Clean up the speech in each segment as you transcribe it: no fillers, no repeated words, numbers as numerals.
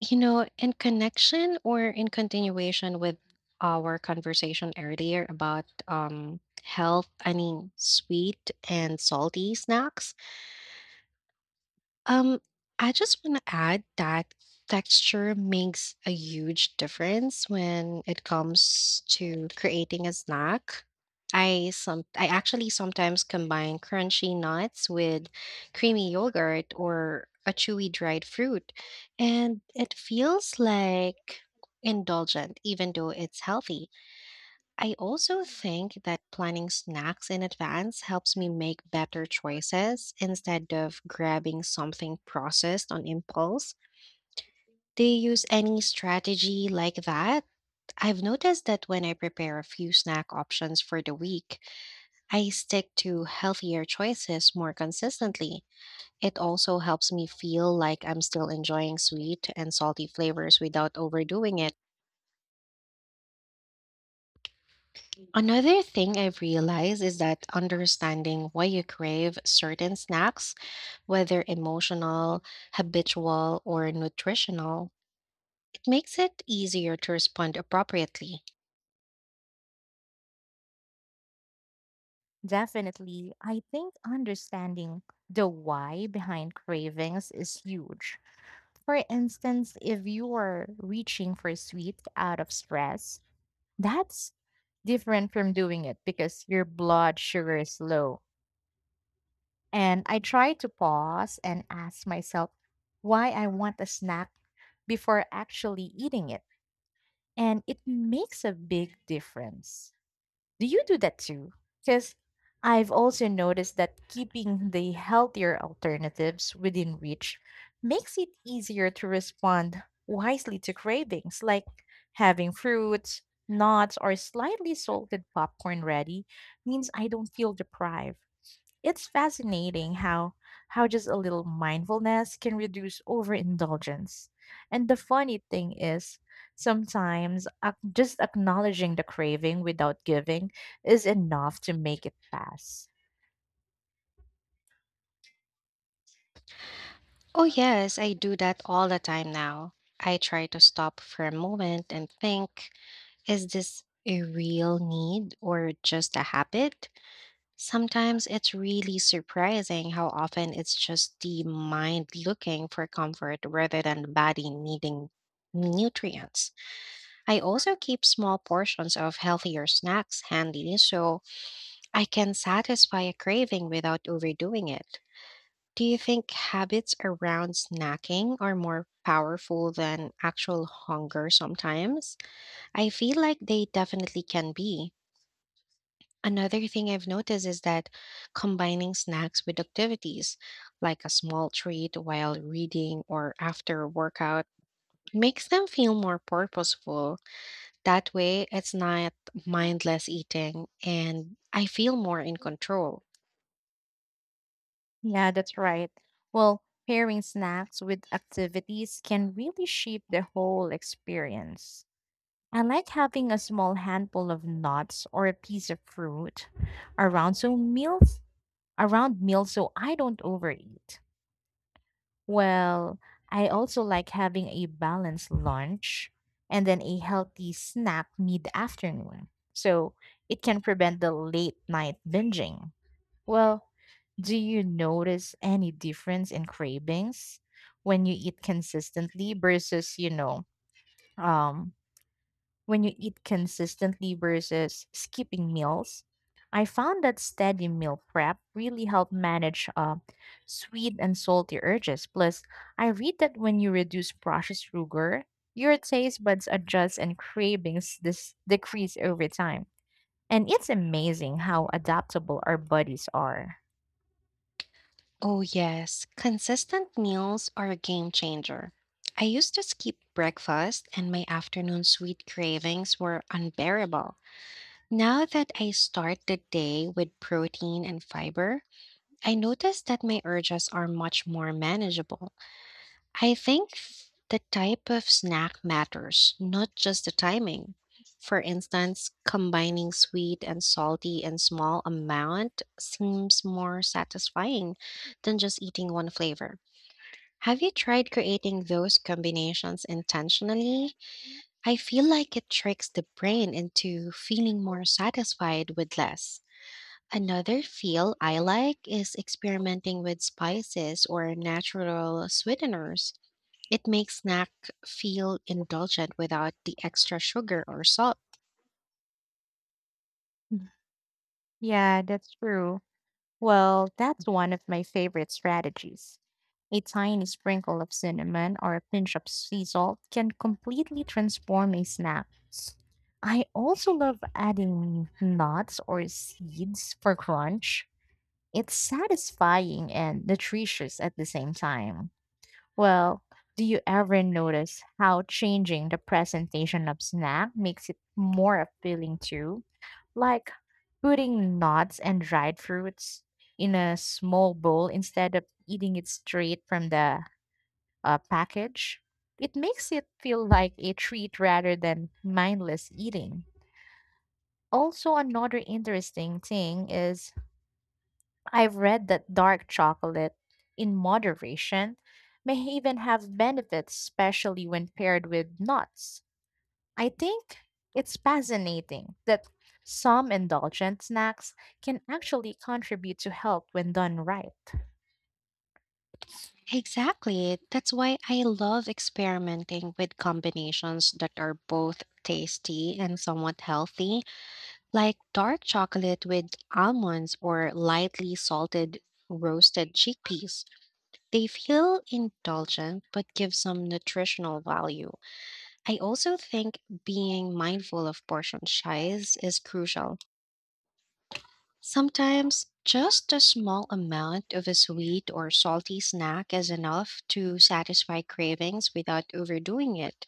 You know, in connection or in continuation with our conversation earlier about health, I mean, sweet and salty snacks, um, I just want to add that texture makes a huge difference when it comes to creating a snack. I actually sometimes combine crunchy nuts with creamy yogurt or a chewy dried fruit, and it feels like indulgent even though it's healthy. I also think that planning snacks in advance helps me make better choices instead of grabbing something processed on impulse. Do you use any strategy like that? I've noticed that when I prepare a few snack options for the week, I stick to healthier choices more consistently. It also helps me feel like I'm still enjoying sweet and salty flavors without overdoing it. Another thing I've realized is that understanding why you crave certain snacks, whether emotional, habitual, or nutritional, it makes it easier to respond appropriately. Definitely. I think understanding the why behind cravings is huge. For instance, if you are reaching for sweet out of stress, that's different from doing it because your blood sugar is low. And I try to pause and ask myself why I want a snack before actually eating it. And it makes a big difference. Do you do that too? Because I've also noticed that keeping the healthier alternatives within reach makes it easier to respond wisely to cravings, like having fruits, nuts, or slightly salted popcorn ready means I don't feel deprived. It's fascinating how just a little mindfulness can reduce overindulgence. And the funny thing is, sometimes just acknowledging the craving without giving is enough to make it pass. Oh, yes, I do that all the time now. I try to stop for a moment and think, is this a real need or just a habit? Sometimes it's really surprising how often it's just the mind looking for comfort rather than the body needing nutrients. I also keep small portions of healthier snacks handy so I can satisfy a craving without overdoing it. Do you think habits around snacking are more powerful than actual hunger sometimes? I feel like they definitely can be. Another thing I've noticed is that combining snacks with activities, like a small treat while reading or after a workout, makes them feel more purposeful. That way, it's not mindless eating and I feel more in control. Yeah, that's right. Well, pairing snacks with activities can really shape the whole experience. I like having a small handful of nuts or a piece of fruit around so meals around meals so I don't overeat. Well, I also like having a balanced lunch and then a healthy snack mid afternoon. So it can prevent the late night binging. Well, do you notice any difference in cravings when you eat consistently versus, you know, um, when you eat consistently versus skipping meals. I found that steady meal prep really helped manage sweet and salty urges. Plus, I read that when you reduce processed sugar, your taste buds adjust and cravings decrease over time. And it's amazing how adaptable our bodies are. Oh, yes, consistent meals are a game changer. I used to skip breakfast, and my afternoon sweet cravings were unbearable. Now that I start the day with protein and fiber, I noticed that my urges are much more manageable. I think the type of snack matters, not just the timing. For instance, combining sweet and salty in small amount seems more satisfying than just eating one flavor. Have you tried creating those combinations intentionally? I feel like it tricks the brain into feeling more satisfied with less. Another feel I like is experimenting with spices or natural sweeteners. It makes snack feel indulgent without the extra sugar or salt. Mm, Yeah, that's true. Well, that's one of my favorite strategies. A tiny sprinkle of cinnamon or a pinch of sea salt can completely transform a snack. I also love adding nuts or seeds for crunch. It's satisfying and nutritious at the same time. Well, do you ever notice how changing the presentation of snack makes it more appealing too? Like putting nuts and dried fruits in a small bowl instead of eating it straight from the package. It makes it feel like a treat rather than mindless eating. Also, another interesting thing is I've read that dark chocolate in moderation may even have benefits, especially when paired with nuts. I think it's fascinating that some indulgent snacks can actually contribute to health when done right. Exactly. That's why I love experimenting with combinations that are both tasty and somewhat healthy, like dark chocolate with almonds or lightly salted roasted chickpeas. They feel indulgent but give some nutritional value. I also think being mindful of portion size is crucial. Sometimes just a small amount of a sweet or salty snack is enough to satisfy cravings without overdoing it.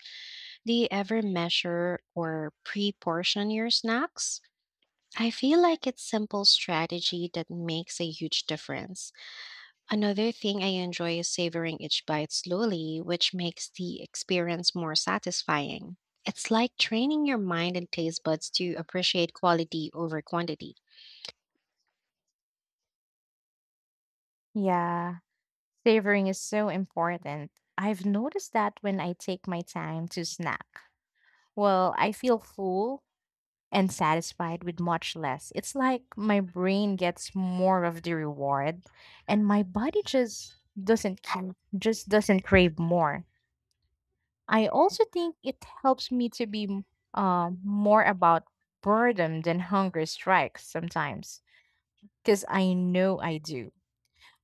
Do you ever measure or pre portion your snacks? I feel like it's simple strategy that makes a huge difference. Another thing I enjoy is savoring each bite slowly, which makes the experience more satisfying. It's like training your mind and taste buds to appreciate quality over quantity. Yeah, savoring is so important. I've noticed that when I take my time to snack, well, I feel full and satisfied with much less. It's like my brain gets more of the reward and my body just doesn't ca- just doesn't crave more. I also think it helps me to be more about boredom than hunger strikes sometimes, because I know I do.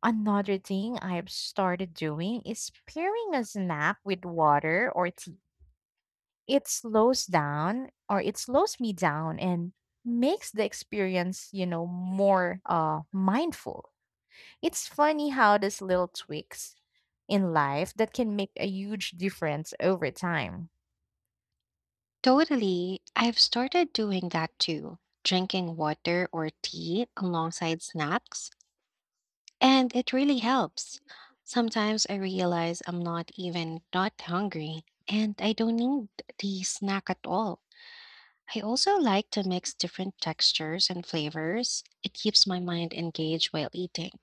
Another thing I've started doing is pairing a snack with water or tea. It slows down or it slows me down and makes the experience, more mindful. It's funny how these little tweaks in life that can make a huge difference over time. Totally, I've started doing that too, drinking water or tea alongside snacks, and it really helps. Sometimes I realize I'm not even not hungry, and I don't need the snack at all. I also like to mix different textures and flavors. It keeps my mind engaged while eating,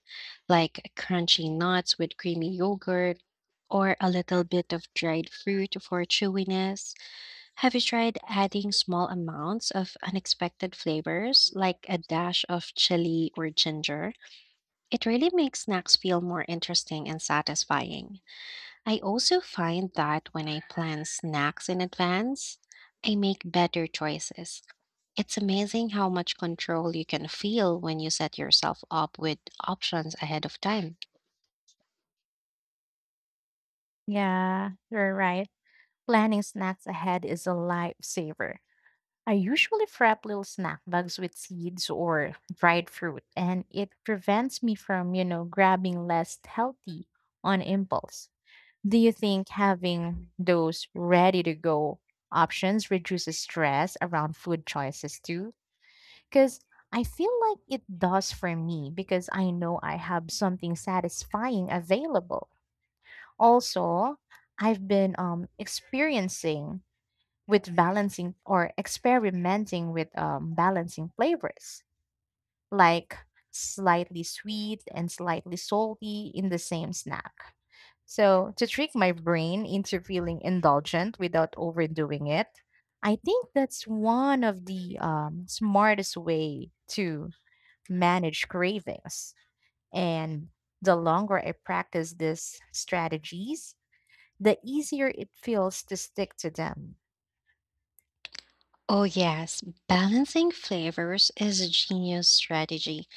like crunchy nuts with creamy yogurt or a little bit of dried fruit for chewiness. Have you tried adding small amounts of unexpected flavors, like a dash of chili or ginger? It really makes snacks feel more interesting and satisfying. I also find that when I plan snacks in advance, I make better choices. It's amazing how much control you can feel when you set yourself up with options ahead of time. Yeah, you're right. Planning snacks ahead is a lifesaver. I usually prep little snack bags with seeds or dried fruit, and it prevents me from, grabbing less healthy on impulse. Do you think having those ready to go options reduces stress around food choices too? Because I feel like it does for me because I know I have something satisfying available. Also, I've been experiencing with balancing or experimenting with balancing flavors, like slightly sweet and slightly salty in the same snack. So, to trick my brain into feeling indulgent without overdoing it, I think that's one of the smartest way to manage cravings. And the longer I practice these strategies, the easier it feels to stick to them. Oh, yes, balancing flavors is a genius strategy.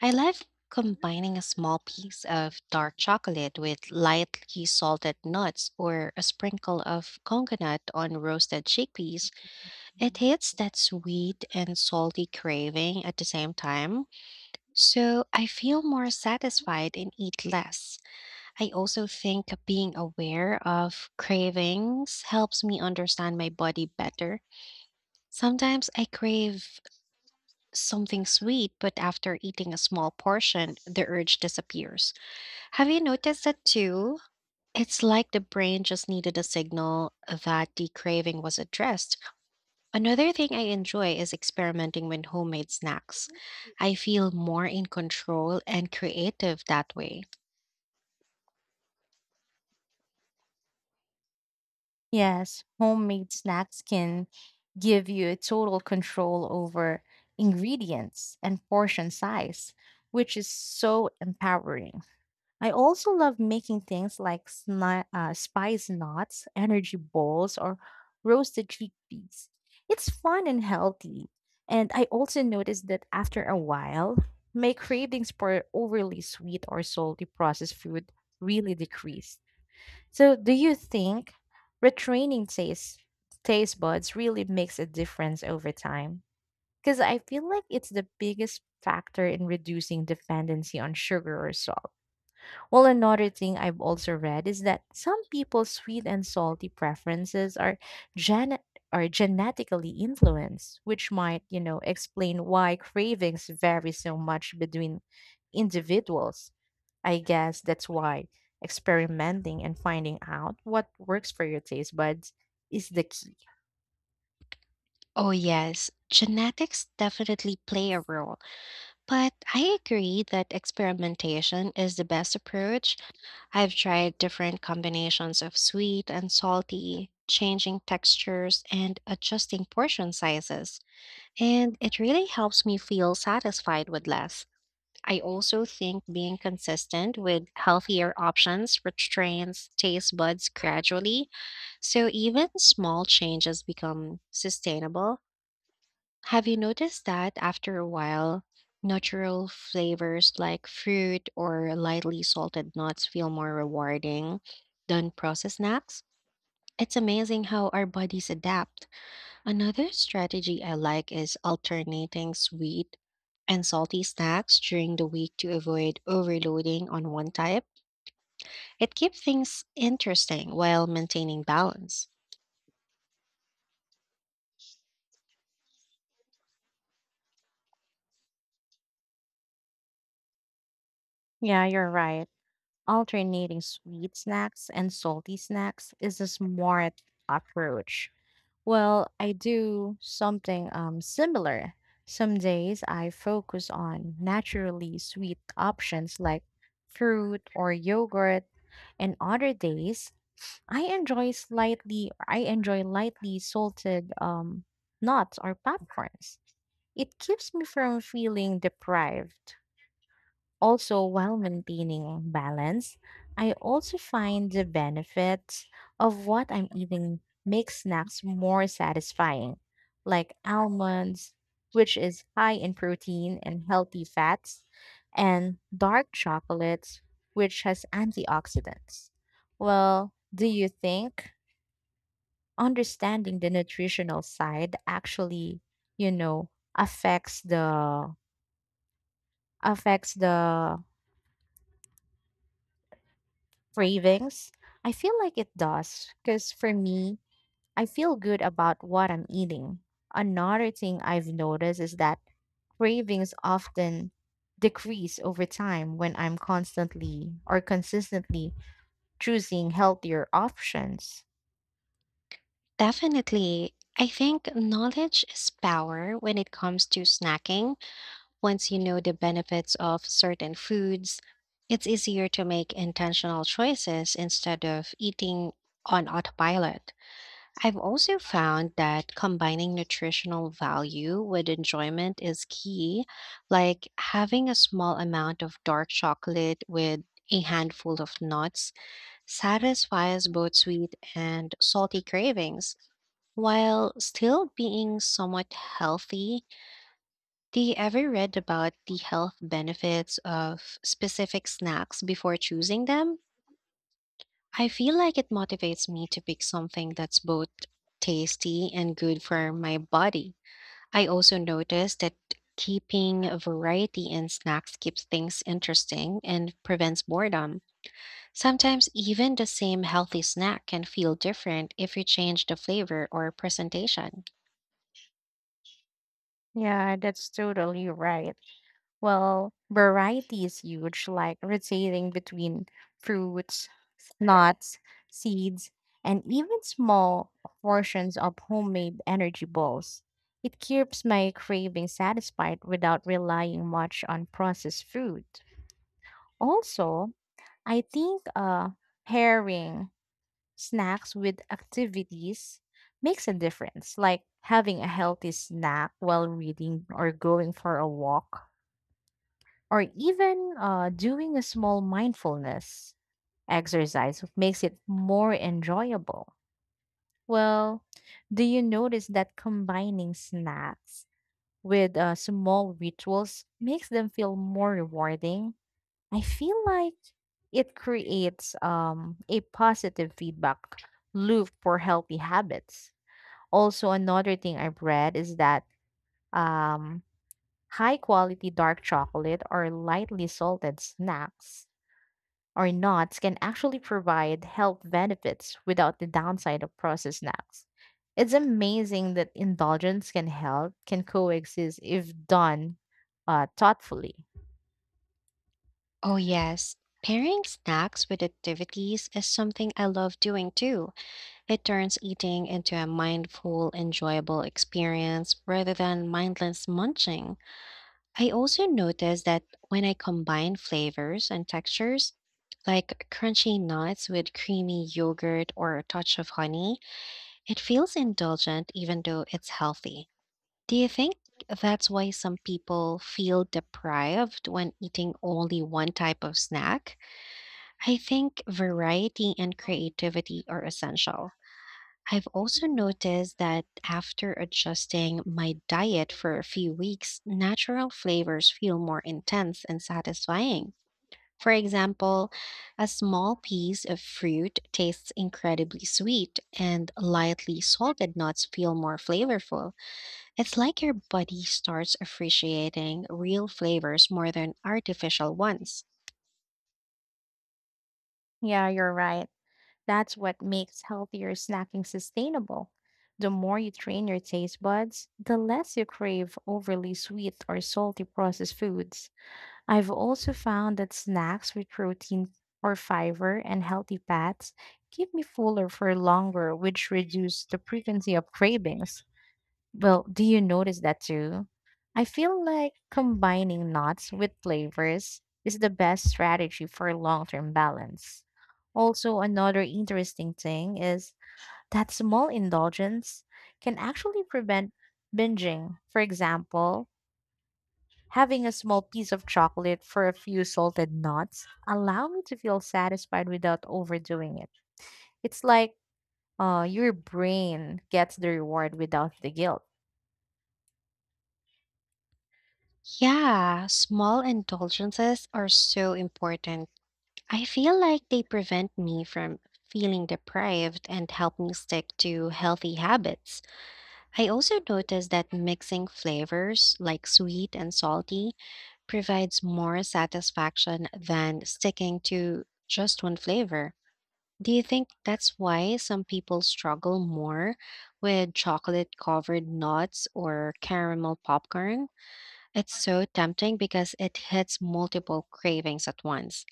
I love combining a small piece of dark chocolate with lightly salted nuts or a sprinkle of coconut on roasted chickpeas. It hits that sweet and salty craving at the same time, so I feel more satisfied and eat less. I also think being aware of cravings helps me understand my body better. Sometimes I crave something sweet, but after eating a small portion, the urge disappears. Have you noticed that too? It's like the brain just needed a signal that the craving was addressed. Another thing I enjoy is experimenting with homemade snacks. I feel more in control and creative that way. Yes, homemade snacks can give you total control over ingredients and portion size, which is so empowering. I also love making things like spice knots, energy balls, or roasted chickpeas. It's fun and healthy. And I also noticed that after a while, my cravings for overly sweet or salty processed food really decreased. So, do you think retraining taste buds really makes a difference over time? Because I feel like it's the biggest factor in reducing dependency on sugar or salt. Well, another thing I've also read is that some people's sweet and salty preferences are gen are genetically influenced, which might, explain why cravings vary so much between individuals. I guess that's why experimenting and finding out what works for your taste buds is the key. Oh, yes, genetics definitely play a role. But I agree that experimentation is the best approach. I've tried different combinations of sweet and salty, changing textures and adjusting portion sizes, and it really helps me feel satisfied with less. I also think being consistent with healthier options restrains taste buds gradually, so even small changes become sustainable. Have you noticed that after a while, natural flavors like fruit or lightly salted nuts feel more rewarding than processed snacks? It's amazing how our bodies adapt. Another strategy I like is alternating sweet and salty snacks during the week to avoid overloading on one type. It keeps things interesting while maintaining balance. Yeah, you're right. Alternating sweet snacks and salty snacks is a smart approach. Well, I do something similar. Some days I focus on naturally sweet options like fruit or yogurt, and other days I enjoy lightly salted nuts or popcorns. It keeps me from feeling deprived. Also, while maintaining balance, I also find the benefits of what I'm eating make snacks more satisfying, like almonds, which is high in protein and healthy fats, and dark chocolates, which has antioxidants. Well, do you think understanding the nutritional side actually, you know affects the affects the cravings? I feel like it does because for me I feel good about what I'm eating. Another thing I've noticed is that cravings often decrease over time when I'm constantly or consistently choosing healthier options. Definitely. I think knowledge is power when it comes to snacking. Once you know the benefits of certain foods, it's easier to make intentional choices instead of eating on autopilot. I've also found that combining nutritional value with enjoyment is key, like having a small amount of dark chocolate with a handful of nuts satisfies both sweet and salty cravings while still being somewhat healthy. Do you ever read about the health benefits of specific snacks before choosing them? I feel like it motivates me to pick something that's both tasty and good for my body. I also noticed that keeping a variety in snacks keeps things interesting and prevents boredom. Sometimes even the same healthy snack can feel different if you change the flavor or presentation. Yeah, that's totally right. Well, variety is huge, like rotating between fruits, nuts, seeds, and even small portions of homemade energy balls. It keeps my craving satisfied without relying much on processed food. Also, I think pairing snacks with activities makes a difference, like having a healthy snack while reading or going for a walk or even doing a small mindfulness exercise makes it more enjoyable. Well, do you notice that combining snacks with small rituals makes them feel more rewarding? I feel like it creates a positive feedback loop for healthy habits. Also, another thing I've read is that um, high quality dark chocolate or lightly salted snacks or nuts can actually provide health benefits without the downside of processed snacks. It's amazing that indulgence and health can coexist if done thoughtfully. Oh, yes. Pairing snacks with activities is something I love doing too. It turns eating into a mindful, enjoyable experience rather than mindless munching. I also notice that when I combine flavors and textures, like crunchy nuts with creamy yogurt or a touch of honey, it feels indulgent even though it's healthy. Do you think that's why some people feel deprived when eating only one type of snack? I think variety and creativity are essential. I've also noticed that after adjusting my diet for a few weeks, natural flavors feel more intense and satisfying. For example, a small piece of fruit tastes incredibly sweet, and lightly salted nuts feel more flavorful. It's like your body starts appreciating real flavors more than artificial ones. Yeah, you're right. That's what makes healthier snacking sustainable. The more you train your taste buds, the less you crave overly sweet or salty processed foods. I've also found that snacks with protein or fiber and healthy fats keep me fuller for longer, which reduce the frequency of cravings. Well, do you notice that too? I feel like combining nuts with flavors is the best strategy for long-term balance. Also, another interesting thing is that small indulgence can actually prevent binging. For example, having a small piece of chocolate for a few salted nuts allow me to feel satisfied without overdoing it. It's like your brain gets the reward without the guilt. Yeah, small indulgences are so important. I feel like they prevent me from feeling deprived and help me stick to healthy habits. I also noticed that mixing flavors like sweet and salty provides more satisfaction than sticking to just one flavor. Do you think that's why some people struggle more with chocolate covered nuts or caramel popcorn? It's so tempting because it hits multiple cravings at once.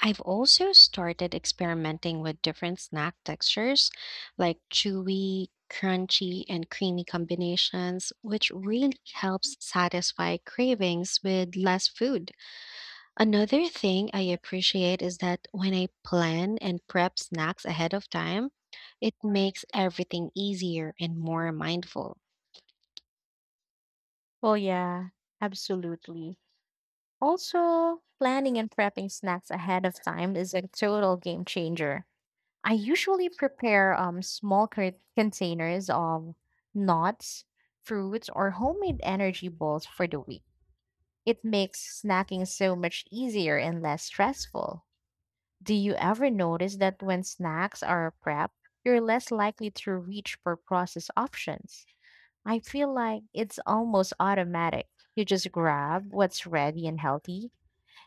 I've also started experimenting with different snack textures like chewy, crunchy, and creamy combinations, which really helps satisfy cravings with less food. Another thing I appreciate is that when I plan and prep snacks ahead of time, it makes everything easier and more mindful. Well, yeah, absolutely. Also, planning and prepping snacks ahead of time is a total game changer. I usually prepare small containers of nuts, fruits, or homemade energy balls for the week. It makes snacking so much easier and less stressful. Do you ever notice that when snacks are prepped, you're less likely to reach for processed options? I feel like it's almost automatic. You just grab what's ready and healthy.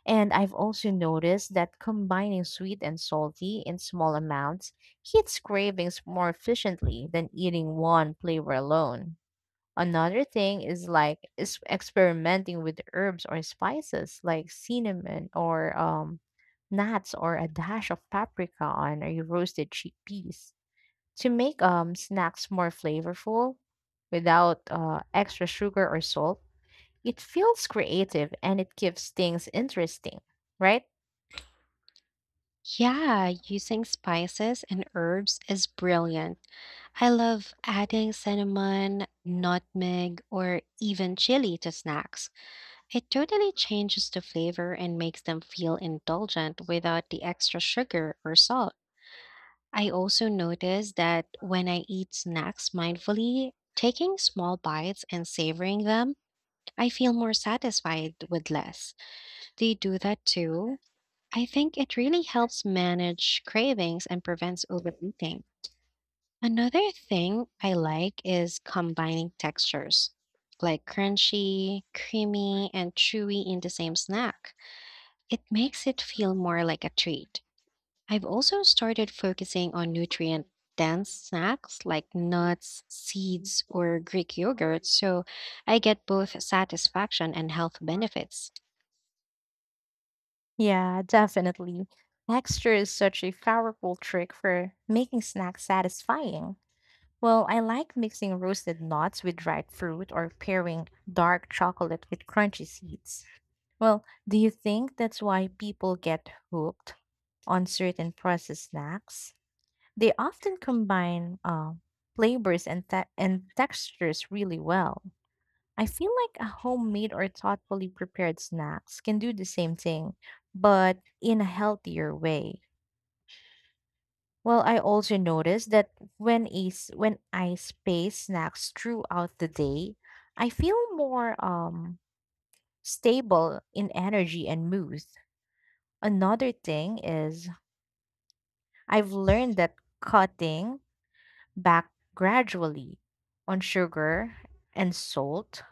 And I've also noticed that combining sweet and salty in small amounts hits cravings more efficiently than eating one flavor alone. Another thing is experimenting with herbs or spices like cinnamon or nuts or a dash of paprika on a roasted chickpeas to make snacks more flavorful without extra sugar or salt. It feels creative and it gives things interesting, right? Yeah, using spices and herbs is brilliant. I love adding cinnamon, nutmeg, or even chili to snacks. It totally changes the flavor and makes them feel indulgent without the extra sugar or salt. I also notice that when I eat snacks mindfully, taking small bites and savoring them, I feel more satisfied with less. Do you do that too? I think it really helps manage cravings and prevents overeating. Another thing I like is combining textures, like crunchy, creamy, and chewy in the same snack. It makes it feel more like a treat. I've also started focusing on nutrient dense snacks like nuts, seeds, or Greek yogurt so I get both satisfaction and health benefits. Yeah, definitely. Texture is such a powerful trick for making snacks satisfying. Well, I like mixing roasted nuts with dried fruit or pairing dark chocolate with crunchy seeds. Well, do you think that's why people get hooked on certain processed snacks? They often combine flavors and textures really well. I feel like a homemade or thoughtfully prepared snacks can do the same thing, but in a healthier way. Well, I also noticed that when I space snacks throughout the day, I feel more stable in energy and mood. Another thing is I've learned that cutting back gradually on sugar and salt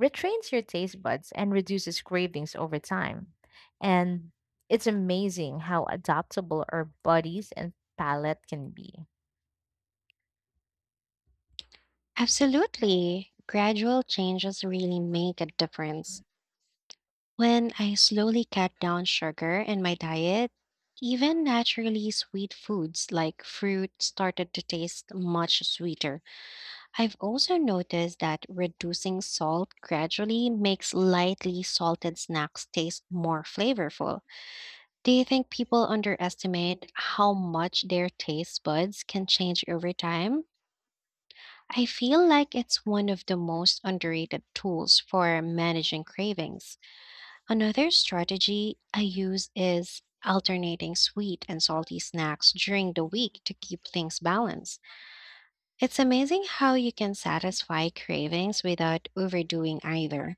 retrains your taste buds and reduces cravings over time. And it's amazing how adaptable our bodies and palate can be. Absolutely. Gradual changes really make a difference. When I slowly cut down sugar in my diet, even naturally sweet foods like fruit started to taste much sweeter. I've also noticed that reducing salt gradually makes lightly salted snacks taste more flavorful. Do you think people underestimate how much their taste buds can change over time? I feel like it's one of the most underrated tools for managing cravings. Another strategy I use is alternating sweet and salty snacks during the week to keep things balanced. It's amazing how you can satisfy cravings without overdoing either.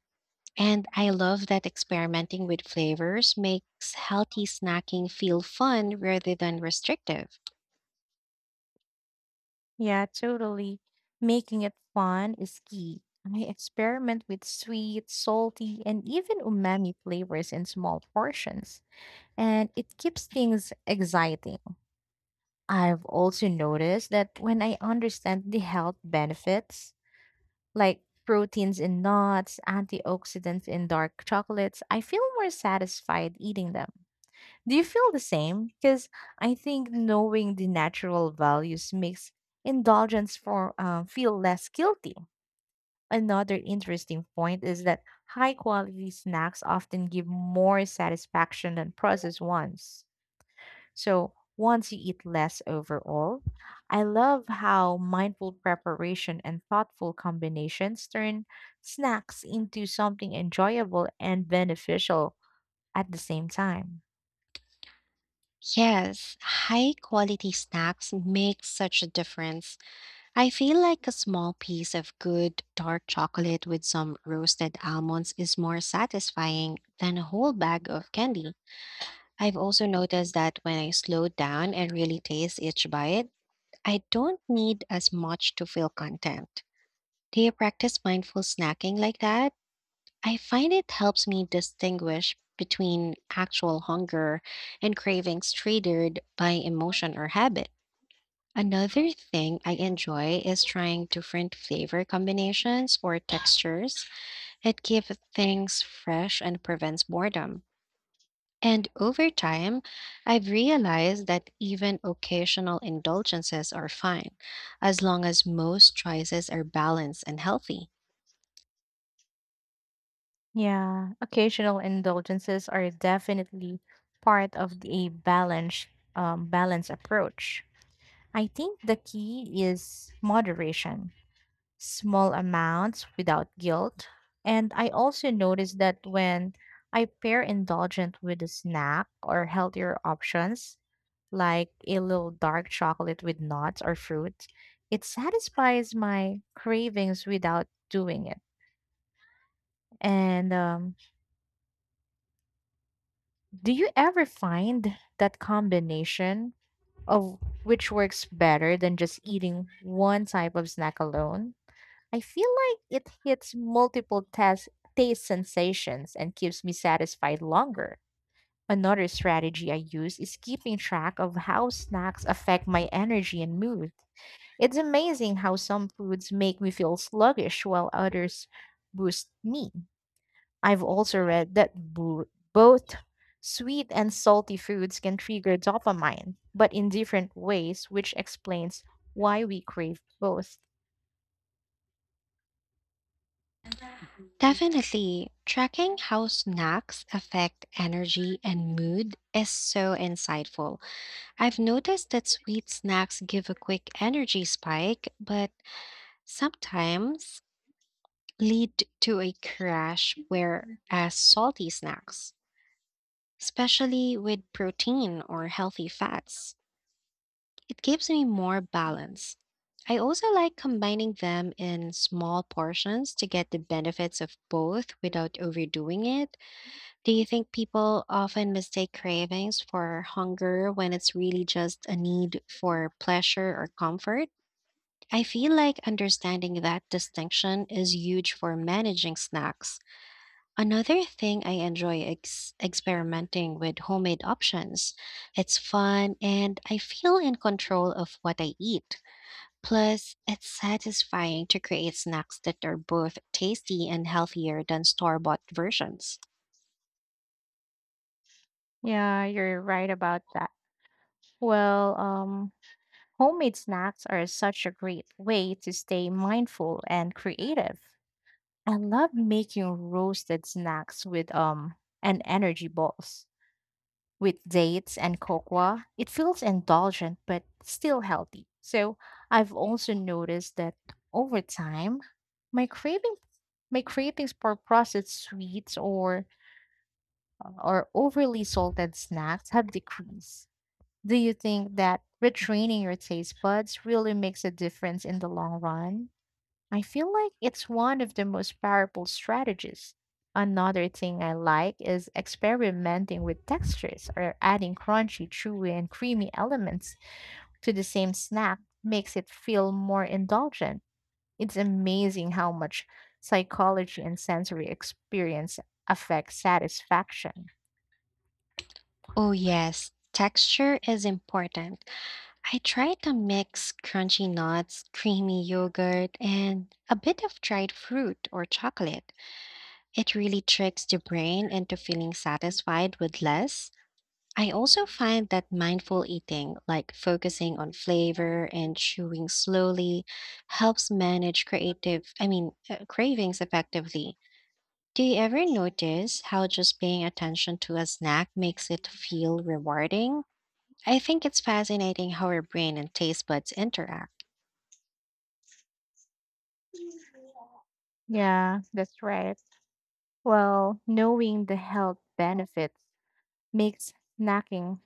And I love that experimenting with flavors makes healthy snacking feel fun rather than restrictive. Yeah, totally. Making it fun is key. I experiment with sweet, salty, and even umami flavors in small portions, and it keeps things exciting. I've also noticed that when I understand the health benefits, like proteins in nuts, antioxidants in dark chocolates, I feel more satisfied eating them. Do you feel the same? Because I think knowing the natural values makes indulgence for feel less guilty. Another interesting point is that high quality snacks often give more satisfaction than processed ones. So once you eat less overall, I love how mindful preparation and thoughtful combinations turn snacks into something enjoyable and beneficial at the same time. Yes, high quality snacks make such a difference. I feel like a small piece of good dark chocolate with some roasted almonds is more satisfying than a whole bag of candy. I've also noticed that when I slow down and really taste each bite, I don't need as much to feel content. Do you practice mindful snacking like that? I find it helps me distinguish between actual hunger and cravings triggered by emotion or habit. Another thing I enjoy is trying different flavor combinations or textures. It keeps things fresh and prevents boredom. And over time, I've realized that even occasional indulgences are fine, as long as most choices are balanced and healthy. Yeah, occasional indulgences are definitely a balanced balance approach. I think the key is moderation, small amounts without guilt. And I also notice that when I pair indulgent with a snack or healthier options, like a little dark chocolate with nuts or fruit, it satisfies my cravings without doing it. And Do you ever find that combination of which works better than just eating one type of snack alone? I feel like it hits multiple taste sensations and keeps me satisfied longer. Another strategy I use is keeping track of how snacks affect my energy and mood. It's amazing how some foods make me feel sluggish while others boost me. I've also read that both sweet and salty foods can trigger dopamine, but in different ways, which explains why we crave both. Definitely, tracking how snacks affect energy and mood is so insightful. I've noticed that sweet snacks give a quick energy spike, but sometimes lead to a crash where as salty snacks, especially with protein or healthy fats. It gives me more balance. I also like combining them in small portions to get the benefits of both without overdoing it. Do you think people often mistake cravings for hunger when it's really just a need for pleasure or comfort? I feel like understanding that distinction is huge for managing snacks. Another thing I enjoy experimenting with homemade options. It's fun and I feel in control of what I eat. Plus, it's satisfying to create snacks that are both tasty and healthier than store bought versions. Yeah, you're right about that. Well, homemade snacks are such a great way to stay mindful and creative. I love making roasted snacks with and energy balls with dates and cocoa. It feels indulgent but still healthy. So I've also noticed that over time, my craving my cravings for processed sweets or overly salted snacks have decreased. Do you think that retraining your taste buds really makes a difference in the long run? I feel like it's one of the most powerful strategies. Another thing I like is experimenting with textures or adding crunchy, chewy, and creamy elements to the same snack makes it feel more indulgent. It's amazing how much psychology and sensory experience affect satisfaction. Oh, yes, texture is important. I try to mix crunchy nuts, creamy yogurt, and a bit of dried fruit or chocolate. It really tricks the brain into feeling satisfied with less. I also find that mindful eating, like focusing on flavor and chewing slowly, helps manage creative, I mean, cravings effectively. Do you ever notice how just paying attention to a snack makes it feel rewarding? I think it's fascinating how our brain and taste buds interact. Yeah, that's right. Well, knowing the health benefits makes snacking